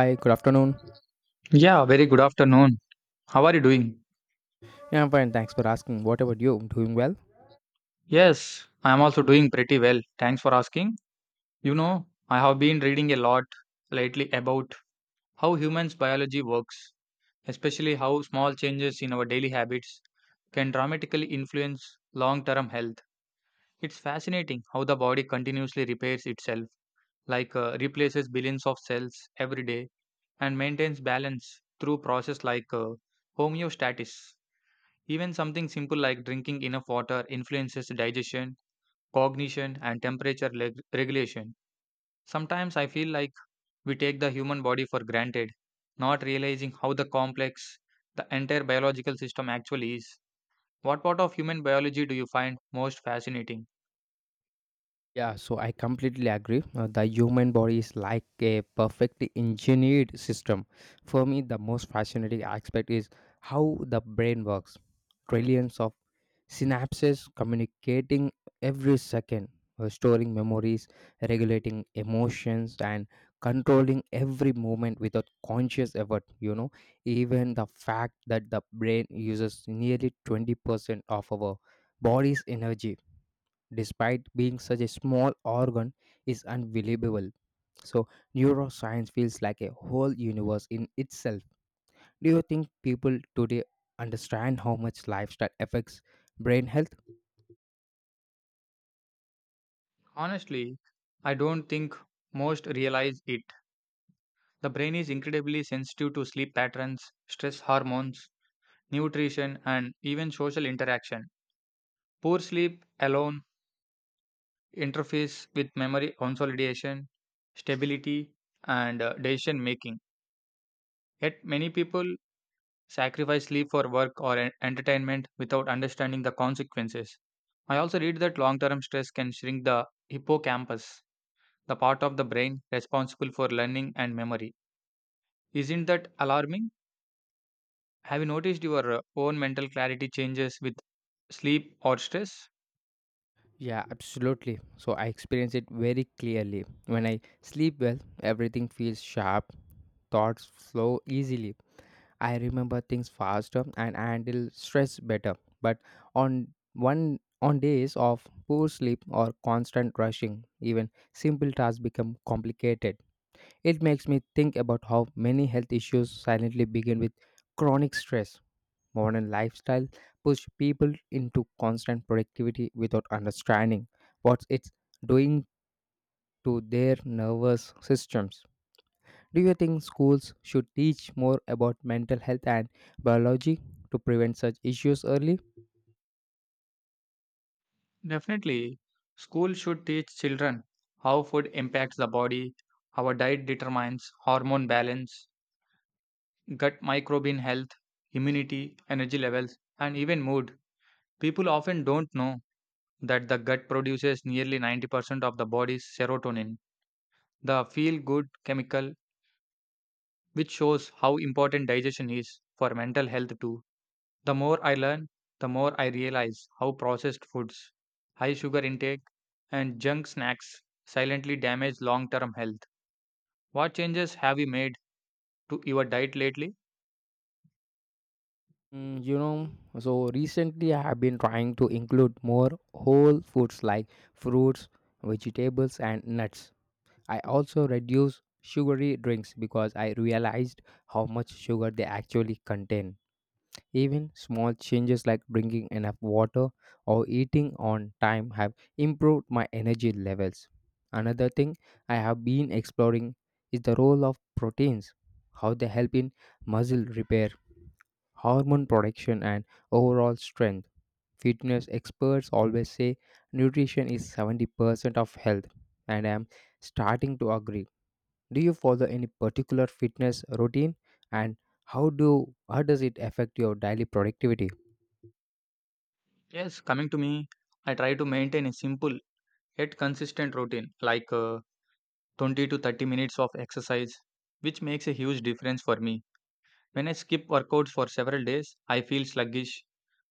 Hi, good afternoon. Yeah, very good afternoon. How are you doing? Yeah, I'm fine. Thanks for asking. What about you? Doing well? Yes, I am also doing pretty well. Thanks for asking. You know, I have been reading a lot lately about how humans' biology works, especially how small changes in our daily habits can dramatically influence long term health. It's fascinating how the body continuously repairs itself, like replaces billions of cells every day and maintains balance through process like homeostasis. Even something simple like drinking enough water influences digestion, cognition, and temperature regulation. Sometimes I feel like we take the human body for granted, not realizing how the complex the entire biological system actually is. What part of human biology do you find most fascinating? Yeah, so I completely agree. The human body is like a perfectly engineered system. For me, the most fascinating aspect is how the brain works. Trillions of synapses communicating every second, storing memories, regulating emotions, and controlling every movement without conscious effort. You know, even the fact that the brain uses nearly 20% of our body's energy, despite being such a small organ, is unbelievable. So, neuroscience feels like a whole universe in itself. Do you think people today understand how much lifestyle affects brain health? Honestly, I don't think most realize it. The brain is incredibly sensitive to sleep patterns, stress hormones, nutrition, and even social interaction. Poor sleep alone interface with memory consolidation, stability, and decision making. Yet, many people sacrifice sleep for work or entertainment without understanding the consequences. I also read that long term stress can shrink the hippocampus, the part of the brain responsible for learning and memory. Isn't that alarming? Have you noticed your own mental clarity changes with sleep or stress? Yeah, absolutely. So I experience it very clearly. When I sleep well, everything feels sharp, thoughts flow easily. I remember things faster and handle stress better. But on days of poor sleep or constant rushing, even simple tasks become complicated. It makes me think about how many health issues silently begin with chronic stress. Modern lifestyle push people into constant productivity without understanding what it's doing to their nervous systems. Do you think schools should teach more about mental health and biology to prevent such issues early? Definitely, school should teach children how food impacts the body, how a diet determines hormone balance, gut microbial health, immunity, energy levels, and even mood. People often don't know that the gut produces nearly 90% of the body's serotonin, the feel good chemical which shows how important digestion is for mental health too. The more I learn, the more I realize how processed foods, high sugar intake, and junk snacks silently damage long term health. What changes have you made to your diet lately? Mm, you know, so recently I have been trying to include more whole foods like fruits, vegetables, and nuts. I also reduce sugary drinks because I realized how much sugar they actually contain. Even small changes like drinking enough water or eating on time have improved my energy levels. Another thing I have been exploring is the role of proteins, how they help in muscle repair, hormone production, and overall strength. Fitness experts always say nutrition is 70% of health, and I am starting to agree. Do you follow any particular fitness routine and how does it affect your daily productivity? Yes, coming to me, I try to maintain a simple yet consistent routine like 20 to 30 minutes of exercise, which makes a huge difference for me. When I skip workouts for several days, I feel sluggish.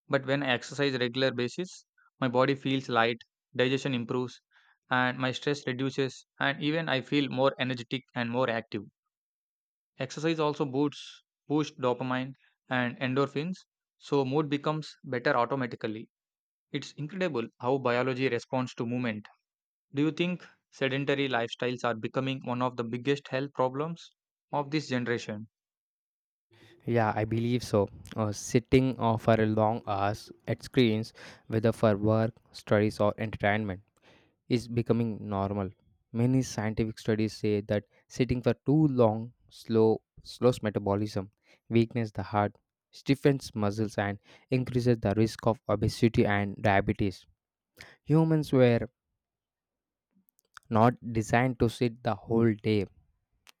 But when I exercise regular basis, my body feels light, digestion improves, and my stress reduces, and even I feel more energetic and more active. Exercise also boosts boost dopamine and endorphins, so mood becomes better automatically. It's incredible how biology responds to movement. Do you think sedentary lifestyles are becoming one of the biggest health problems of this generation? Yeah, I believe so. Sitting for a long hours at screens, whether for work, studies, or entertainment, is becoming normal. Many scientific studies say that sitting for too long slows metabolism, weakens the heart, stiffens muscles, and increases the risk of obesity and diabetes. Humans were not designed to sit the whole day.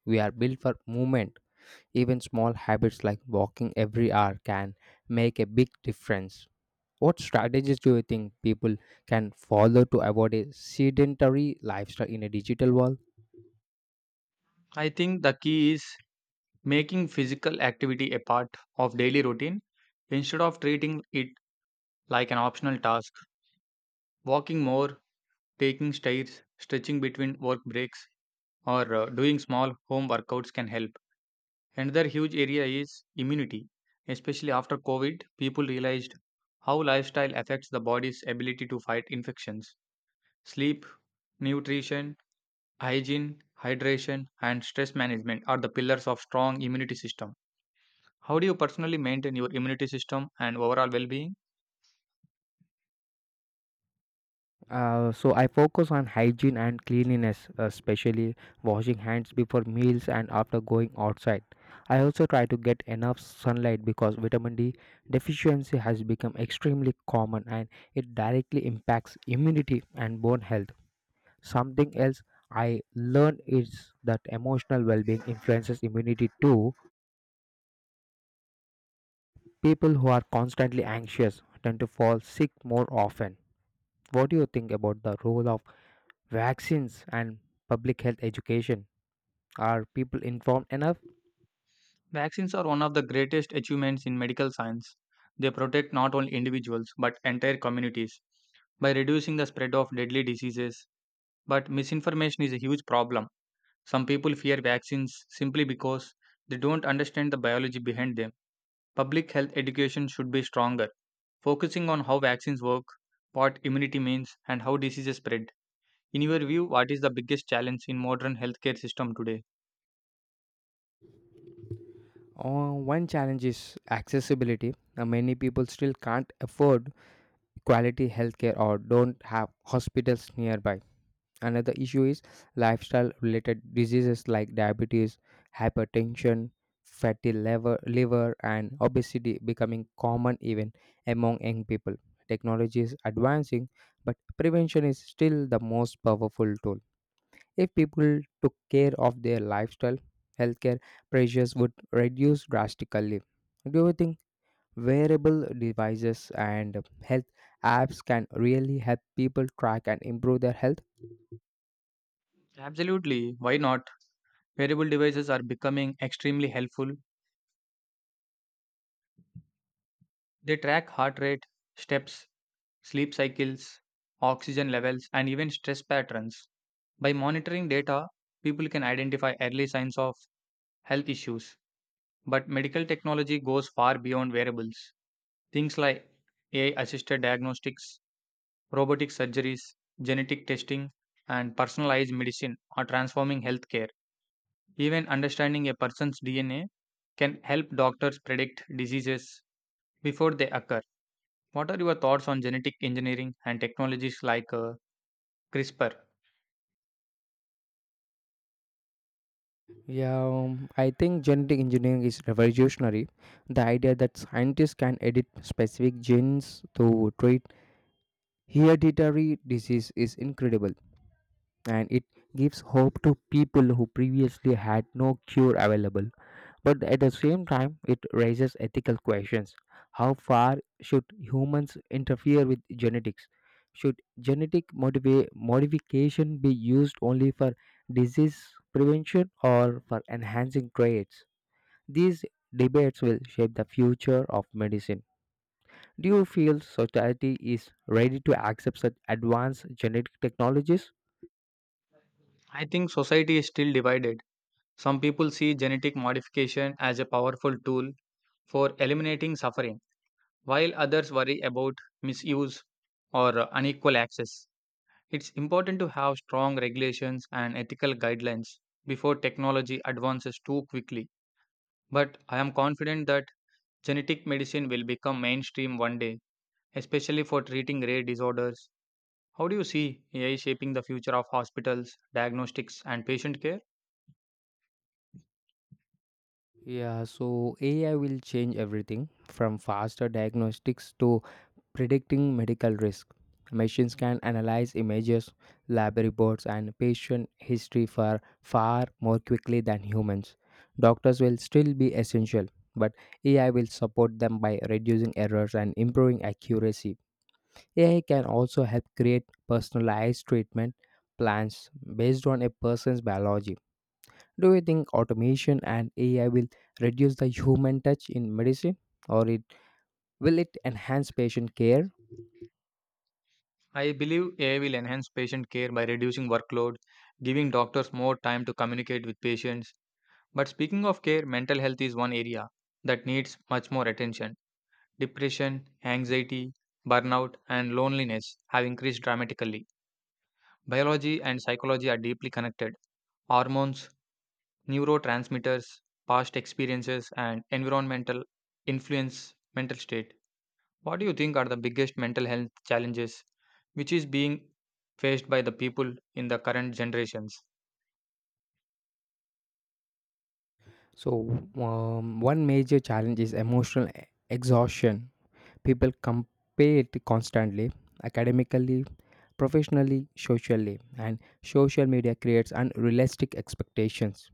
We are built for movement. Even small habits like walking every hour can make a big difference. What strategies do you think people can follow to avoid a sedentary lifestyle in a digital world? I think the key is making physical activity a part of daily routine instead of treating it like an optional task. Walking more, taking stairs, stretching between work breaks, or doing small home workouts can help. Another huge area is immunity. Especially after COVID, people realized how lifestyle affects the body's ability to fight infections. Sleep, nutrition, hygiene, hydration, and stress management are the pillars of strong immunity system. How do you personally maintain your immunity system and overall well being? So I focus on hygiene and cleanliness, especially washing hands before meals and after going outside. I also try to get enough sunlight because vitamin D deficiency has become extremely common and it directly impacts immunity and bone health. Something else I learned is that emotional well being influences immunity too. People who are constantly anxious tend to fall sick more often. What do you think about the role of vaccines and public health education? Are people informed enough? Vaccines are one of the greatest achievements in medical science. They protect not only individuals but entire communities by reducing the spread of deadly diseases. But misinformation is a huge problem. Some people fear vaccines simply because they don't understand the biology behind them. Public health education should be stronger, focusing on how vaccines work, what immunity means, and how diseases spread. In your view, what is the biggest challenge in modern healthcare system today? One challenge is accessibility. Many people still can't afford quality healthcare or don't have hospitals nearby. Another issue is lifestyle related diseases like diabetes, hypertension, fatty liver, liver, and obesity becoming common even among young people. Technology is advancing, but prevention is still the most powerful tool. If people took care of their lifestyle, healthcare pressures would reduce drastically. Do you think wearable devices and health apps can really help people track and improve their health? Absolutely, why not? Wearable devices are becoming extremely helpful. They track heart rate, steps, sleep cycles, oxygen levels, and even stress patterns. By monitoring data, people can identify early signs of health issues. But medical technology goes far beyond wearables. Things like AI assisted diagnostics, robotic surgeries, genetic testing, and personalized medicine are transforming healthcare. Even understanding a person's DNA can help doctors predict diseases before they occur. What are your thoughts on genetic engineering and technologies like CRISPR? Yeah, I think genetic engineering is revolutionary. The idea that scientists can edit specific genes to treat hereditary disease is incredible and it gives hope to people who previously had no cure available. But at the same time, it raises ethical questions. How far should humans interfere with genetics? Should modification be used only for disease prevention or for enhancing traits? These debates will shape the future of medicine. Do you feel society is ready to accept such advanced genetic technologies? I think society is still divided. Some people see genetic modification as a powerful tool for eliminating suffering, while others worry about misuse or unequal access. It's important to have strong regulations and ethical guidelines before technology advances too quickly. But I am confident that genetic medicine will become mainstream one day, especially for treating rare disorders. How do you see AI shaping the future of hospitals, diagnostics, and patient care? Yeah, so AI will change everything from faster diagnostics to predicting medical risk. Machines can analyze images, lab reports, and patient history for far more quickly than humans. Doctors will still be essential, but AI will support them by reducing errors and improving accuracy. AI can also help create personalized treatment plans based on a person's biology. Do you think automation and AI will reduce the human touch in medicine, or it enhance patient care? I believe AI will enhance patient care by reducing workload, giving doctors more time to communicate with patients. But speaking of care, mental health is one area that needs much more attention. Depression, anxiety, burnout, and loneliness have increased dramatically. Biology and psychology are deeply connected, hormones, neurotransmitters, past experiences, and environmental influence mental state. What do you think are the biggest mental health challenges which is being faced by the people in the current generations? So, one major challenge is emotional exhaustion. People compare it constantly, academically, professionally, socially, and social media creates unrealistic expectations.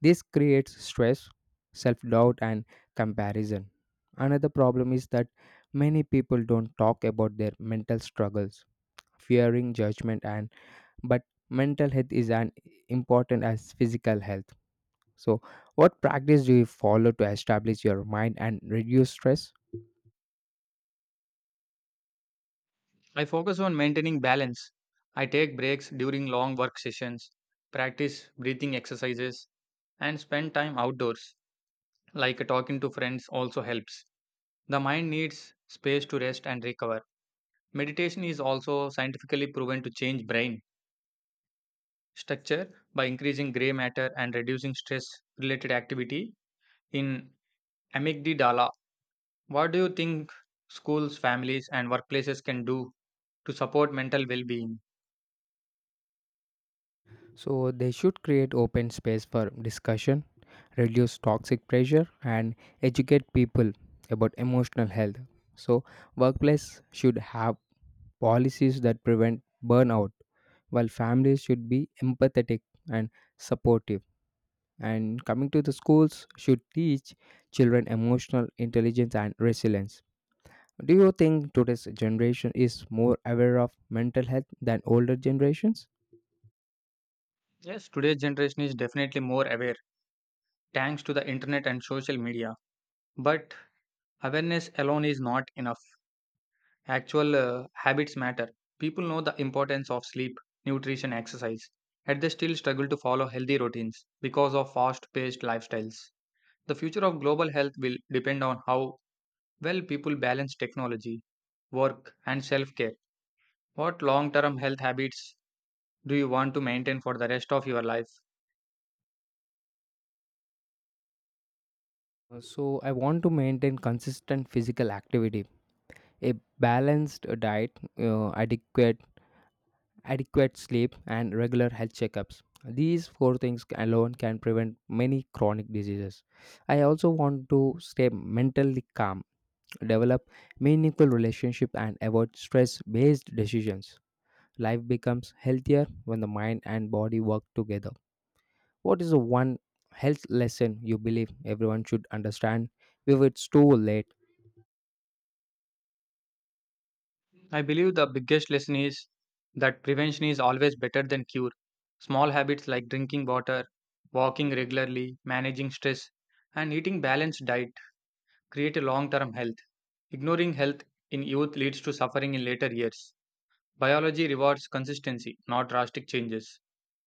This creates stress, self doubt, and comparison. Another problem is that many people don't talk about their mental struggles fearing judgment, and but mental health is as important as physical health. So what practice do you follow to establish your mind and reduce stress? I focus on maintaining balance. I take breaks during long work sessions, practice breathing exercises, and spend time outdoors. Like talking to friends also helps. The mind needs space to rest and recover. Meditation is also scientifically proven to change brain structure by increasing gray matter and reducing stress related activity in amygdala. What do you think schools, families, and workplaces can do to support mental well being? So they should create open space for discussion, reduce toxic pressure, and educate people about emotional health. So workplace should have policies that prevent burnout, while families should be empathetic and supportive. And coming to the schools should teach children emotional intelligence and resilience. Do you think today's generation is more aware of mental health than older generations? Yes, today's generation is definitely more aware thanks to the internet and social media. But awareness alone is not enough. Actual habits matter. People know the importance of sleep, nutrition, exercise, yet they still struggle to follow healthy routines because of fast paced lifestyles. The future of global health will depend on how well people balance technology, work, and self care. What long term health habits do you want to maintain for the rest of your life? So, I want to maintain consistent physical activity, a balanced diet, adequate sleep, and regular health checkups. These four things alone can prevent many chronic diseases. I also want to stay mentally calm, develop meaningful relationship and avoid stress-based decisions. Life becomes healthier when the mind and body work together. What is the one health lesson you believe everyone should understand before it's too late? I believe the biggest lesson is that prevention is always better than cure. Small habits like drinking water, walking regularly, managing stress, and eating balanced diet create a long term health. Ignoring health in youth leads to suffering in later years. Biology rewards consistency, not drastic changes.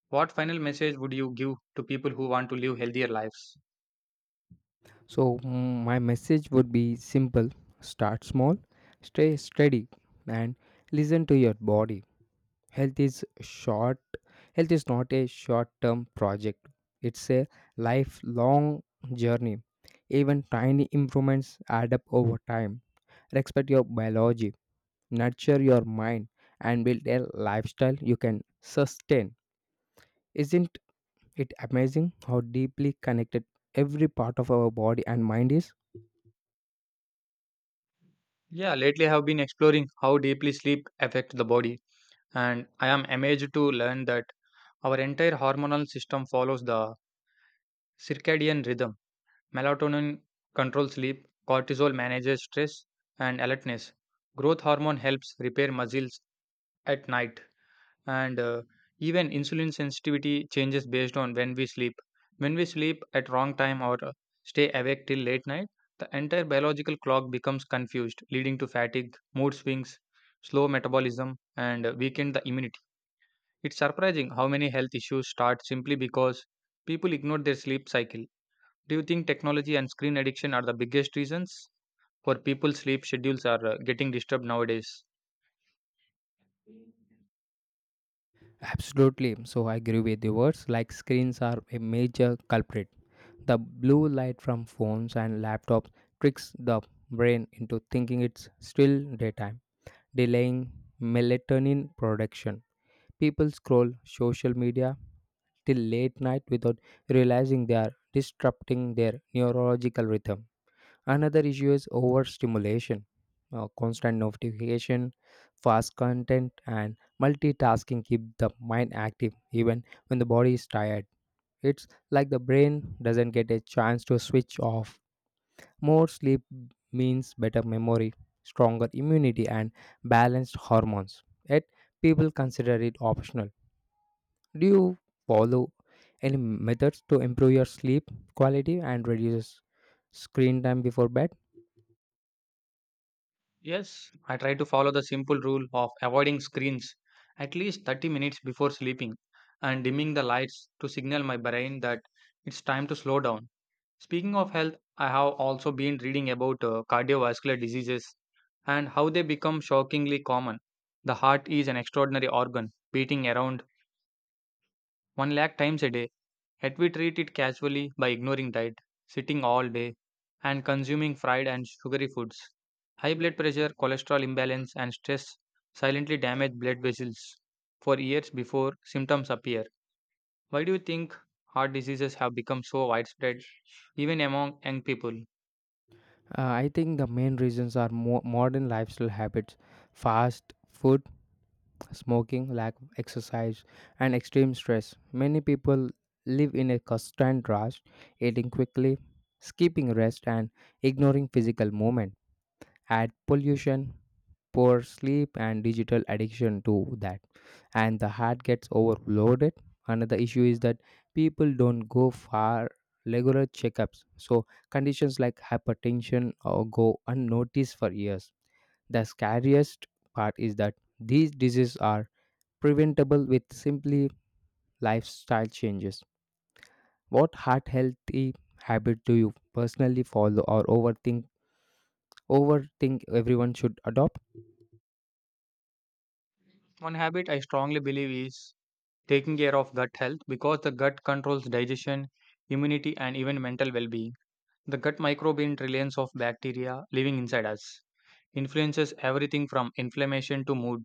What final message would you give to people who want to live healthier lives? My message would be simple. Start small, stay steady, and listen to your body. Health is short, Health is not a short term project, it's a lifelong journey. Even tiny improvements add up over time. Respect your biology, nurture your mind, and build a lifestyle you can sustain. Isn't it' amazing how deeply connected every part of our body and mind is? Yeah, lately I have been exploring how deeply sleep affects the body, and I am amazed to learn that our entire hormonal system follows the circadian rhythm. Melatonin controls sleep, cortisol manages stress and alertness, growth hormone helps repair muscles at night, and even insulin sensitivity changes based on when we sleep, at wrong time or stay awake till late night. The entire biological clock becomes confused, leading to fatigue, mood swings, slow metabolism, and weakened the immunity. It's surprising how many health issues start simply because people ignore their sleep cycle. Do you think technology and screen addiction are the biggest reasons for people's sleep schedules are getting disturbed nowadays? Absolutely. So I agree with the words like screens are a major culprit. The blue light from phones and laptops tricks the brain into thinking it's still daytime, delaying melatonin production. People scroll social media till late night without realizing they are disrupting their neurological rhythm. Another issue is overstimulation, constant notification, fast content, and multitasking keep the mind active even when the body is tired. It's like the brain doesn't get a chance to switch off. More sleep means better memory, stronger immunity, and balanced hormones. Yet, people consider it optional. Do you follow any methods to improve your sleep quality and reduce screen time before bed? Yes, I try to follow the simple rule of avoiding screens at least 30 minutes before sleeping and dimming the lights to signal my brain that it's time to slow down. Speaking of health, I have also been reading about cardiovascular diseases and how they become shockingly common. The heart is an extraordinary organ, beating around 1 lakh times a day. Yet we treat it casually by ignoring diet, sitting all day, and consuming fried and sugary foods. High blood pressure, cholesterol imbalance, and stress silently damage blood vessels for years before symptoms appear. Why do you think heart diseases have become so widespread, even among young people? I think the main reasons are modern lifestyle habits, fast food, smoking, lack of exercise, and extreme stress. Many people live in a constant rush, eating quickly, skipping rest, and ignoring physical movement. Add pollution, poor sleep, and digital addiction to that, and the heart gets overloaded. Another issue is that people don't go for regular checkups, so conditions like hypertension or go unnoticed for years. The scariest part is that these diseases are preventable with simply lifestyle changes. What heart healthy habit do you personally follow or overthink everyone should adopt? One habit I strongly believe is taking care of gut health because the gut controls digestion, immunity, and even mental well being. The gut microbial trillions of bacteria living inside us influences everything from inflammation to mood.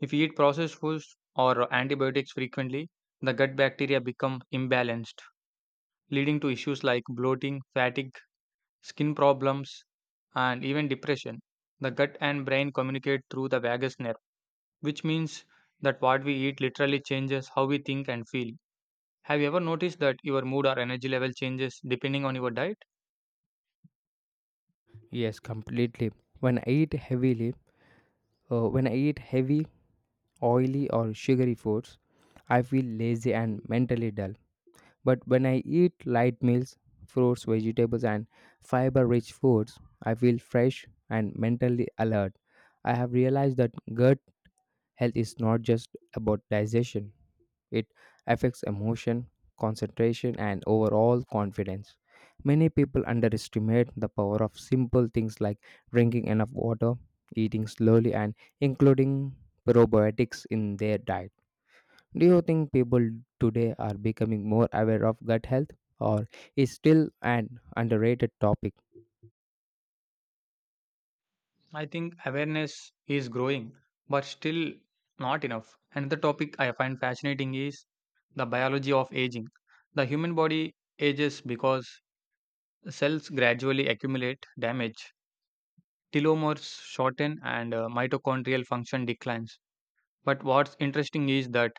If we eat processed foods or antibiotics frequently, the gut bacteria become imbalanced, leading to issues like bloating, fatigue, skin problems, and even depression. The gut and brain communicate through the vagus nerve, which means that what we eat literally changes how we think and feel. Have you ever noticed that your mood or energy level changes depending on your diet? Yes, completely. When I eat heavily, when I eat heavy, oily or sugary foods, I feel lazy and mentally dull. But when I eat light meals, fruits, vegetables and fiber-rich foods, I feel fresh and mentally alert. I have realized that gut health is not just about digestion. It affects emotion, concentration, and overall confidence. Many people underestimate the power of simple things like drinking enough water, eating slowly, and including probiotics in their diet. Do you think people today are becoming more aware of gut health, or is still an underrated topic? I think awareness is growing, but still not enough. Another topic I find fascinating is the biology of aging. The human body ages because cells gradually accumulate damage, telomeres shorten, and mitochondrial function declines. But what's interesting is that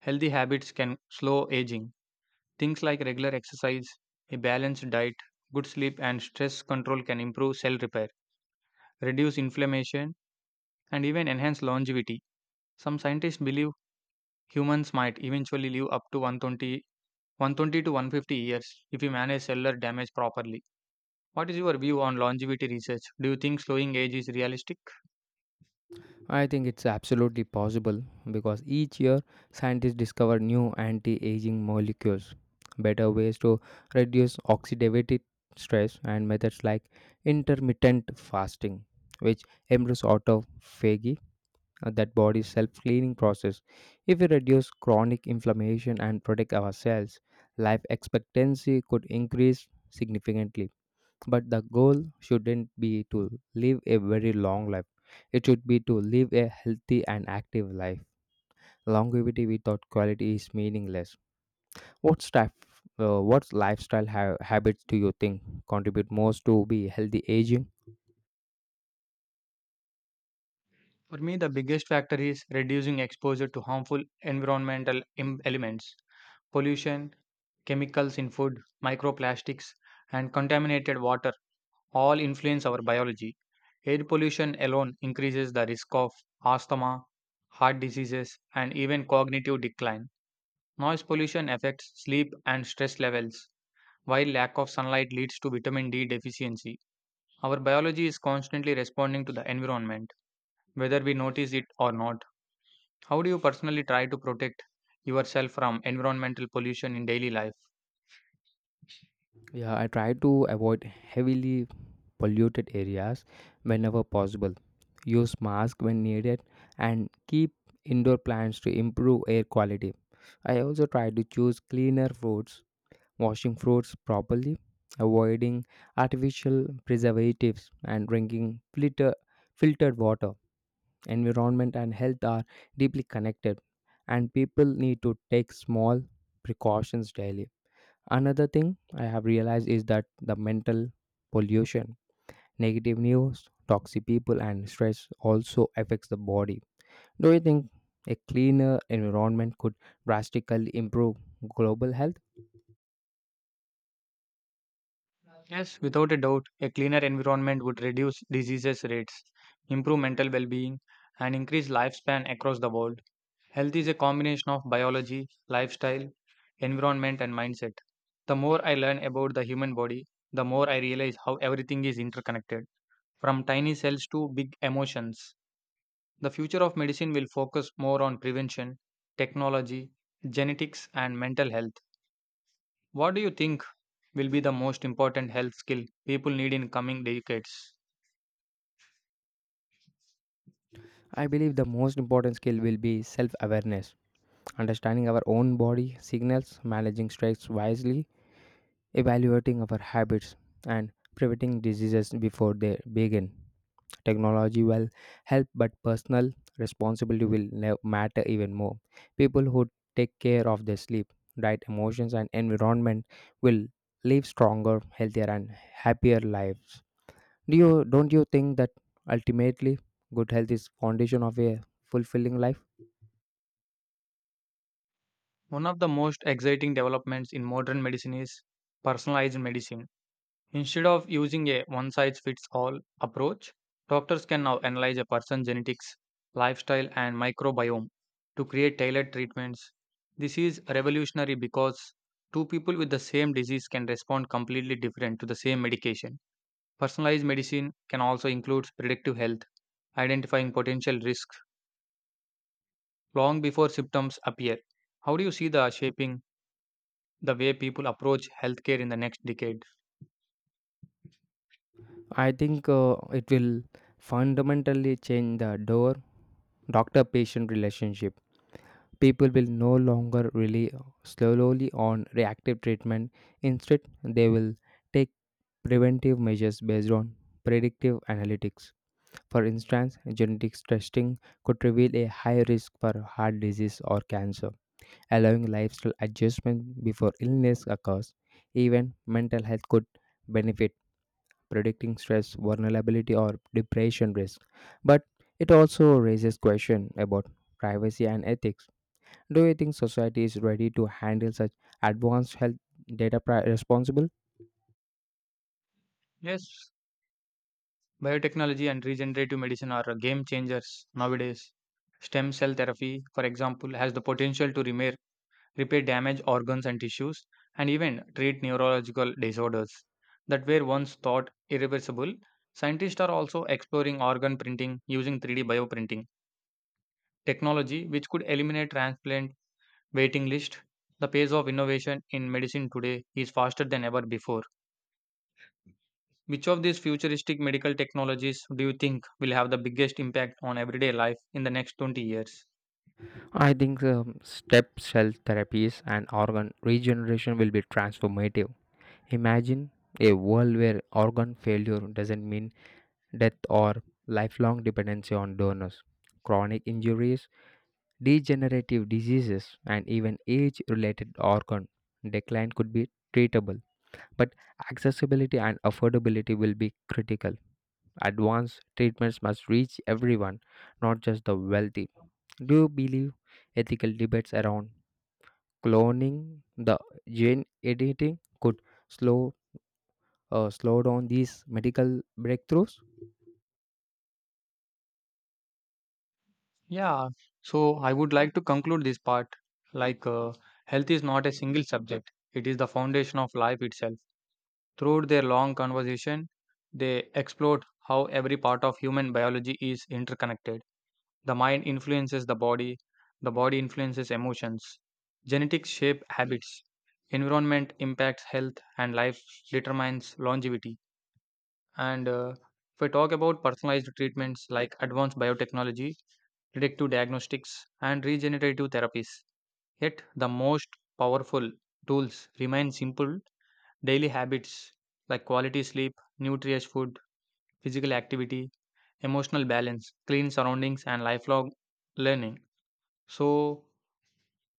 healthy habits can slow aging. Things like regular exercise, a balanced diet, good sleep, and stress control can improve cell repair, reduce inflammation, and even enhance longevity. Some scientists believe humans might eventually live up to 120 to 150 years if we manage cellular damage properly. What is your view on longevity research? Do you think slowing age is realistic? I think it's absolutely possible because each year scientists discover new anti aging molecules, better ways to reduce oxidative stress, and methods like intermittent fasting, which improves autophagy, that body's self cleaning process. If we reduce chronic inflammation and protect our cells, life expectancy could increase significantly. But the goal shouldn't be to live a very long life. It should be to live a healthy and active life. Longevity without quality is meaningless. What staff, what lifestyle habits do you think contribute most to be healthy aging? For me, the biggest factor is reducing exposure to harmful environmental elements, pollution, chemicals in food, microplastics, and contaminated water all influence our biology. Air pollution alone increases the risk of asthma, heart diseases, and even cognitive decline. Noise pollution affects sleep and stress levels, while lack of sunlight leads to vitamin D deficiency. Our biology is constantly responding to the environment, whether we notice it or not. How do you personally try to protect yourself from environmental pollution in daily life? Yeah, I try to avoid heavily polluted areas whenever possible. Use mask when needed and keep indoor plants to improve air quality. I also try to choose cleaner foods washing fruits properly, avoiding artificial preservatives, and drinking filtered water. Environment and health are deeply connected, and people need to take small precautions daily. Another thing I have realized is that the mental pollution, negative news, toxic people, and stress also affects the body. Do you think a cleaner environment could drastically improve global health? Yes, without a doubt, a cleaner environment would reduce diseases rates, improve mental well being, and increase lifespan across the world. Health is a combination of biology, lifestyle, environment, and mindset. The more I learn about the human body, the more I realize how everything is interconnected, from tiny cells to big emotions. The future of medicine will focus more on prevention, technology, genetics, and mental health. What do you think will be the most important health skill people need in coming decades? I believe the most important skill will be self awareness, understanding our own body signals, managing stress wisely, evaluating our habits, and preventing diseases before they begin. Technology will help, but personal responsibility will matter even more. People who take care of their sleep, diet, emotions, and environment will live stronger, healthier, and happier lives. Do you don't you think that ultimately good health is foundation of a fulfilling life? One of the most exciting developments in modern medicine is personalized medicine. Instead of using a one size fits all approach, doctors can now analyze a person's genetics, lifestyle, and microbiome to create tailored treatments. This is revolutionary because two people with the same disease can respond completely different to the same medication. Personalized medicine can also include predictive health, identifying potential risks long before symptoms appear. How do you see the shaping the way people approach healthcare in the next decade? I think it will fundamentally change the door doctor patient relationship. People will no longer rely slowly on reactive treatment. Instead, they will take preventive measures based on predictive analytics. For instance, genetics testing could reveal a high risk for heart disease or cancer, allowing lifestyle adjustment before illness occurs. Even mental health could benefit predicting stress, vulnerability, or depression risk. But it also raises questions about privacy and ethics. Do you think society is ready to handle such advanced health data responsible? Yes, biotechnology and regenerative medicine are game changers nowadays. Stem cell therapy, for example, has the potential to repair damaged organs and tissues and even treat neurological disorders that were once thought irreversible. Scientists are also exploring organ printing using 3D bioprinting technology, which could eliminate transplant waiting list. The pace of innovation in medicine today is faster than ever before. Which of these futuristic medical technologies do you think will have the biggest impact on everyday life in the next 20 years? I think step cell therapies and organ regeneration will be transformative. Imagine a world where organ failure doesn't mean death or lifelong dependency on donors. Chronic injuries, degenerative diseases and even age related organ decline could be treatable, but accessibility and affordability will be critical. Advanced treatments must reach everyone, not just the wealthy. Do you believe ethical debates around cloning, the gene editing, could slow slow down these medical breakthroughs? Yeah, so I would like to conclude this part like health is not a single subject, it is the foundation of life itself. Throughout their long conversation, they explored how every part of human biology is interconnected. The mind influences the body influences emotions, genetics shape habits, environment impacts health, and life determines longevity. And if we talk about personalized treatments like advanced biotechnology, predictive diagnostics, and regenerative therapies, yet the most powerful tools remain simple daily habits like quality sleep, nutritious food, physical activity, emotional balance, clean surroundings, and lifelong learning. So,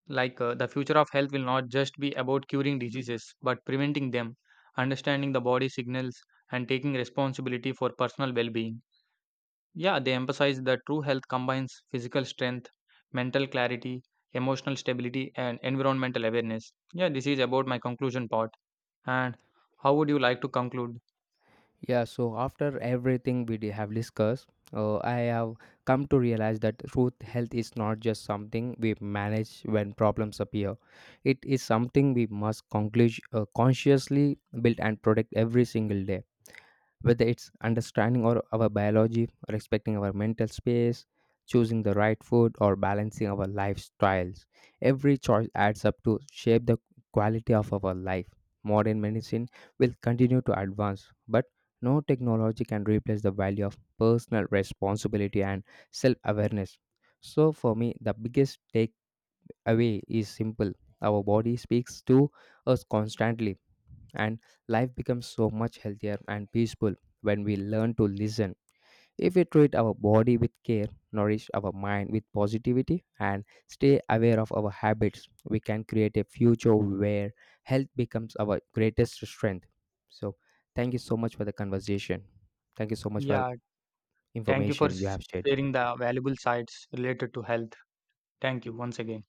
like the future of health will not just be about curing diseases but preventing them, understanding the body signals, and taking responsibility for personal well being. Yeah, they emphasize that true health combines physical strength, mental clarity, emotional stability, and environmental awareness. Yeah, this is about my conclusion part. And how would you like to conclude? Yeah, so after everything we have discussed, I have come to realize that truth health is not just something we manage when problems appear. It is something we must consciously build and protect every single day. Whether it's understanding our biology, respecting our mental space, choosing the right food, or balancing our lifestyles, every choice adds up to shape the quality of our life. Modern medicine will continue to advance, but no technology can replace the value of personal responsibility and self awareness. So, for me, the biggest takeaway is simple. Our body speaks to us constantly, and life becomes so much healthier and peaceful when we learn to listen. If we treat our body with care, nourish our mind with positivity, and stay aware of our habits, we can create a future where health becomes our greatest strength. So, thank you so much for the conversation. Thank you so much for Yeah, thank you for information you have shared. sharing the valuable sites related to health. Thank you once again.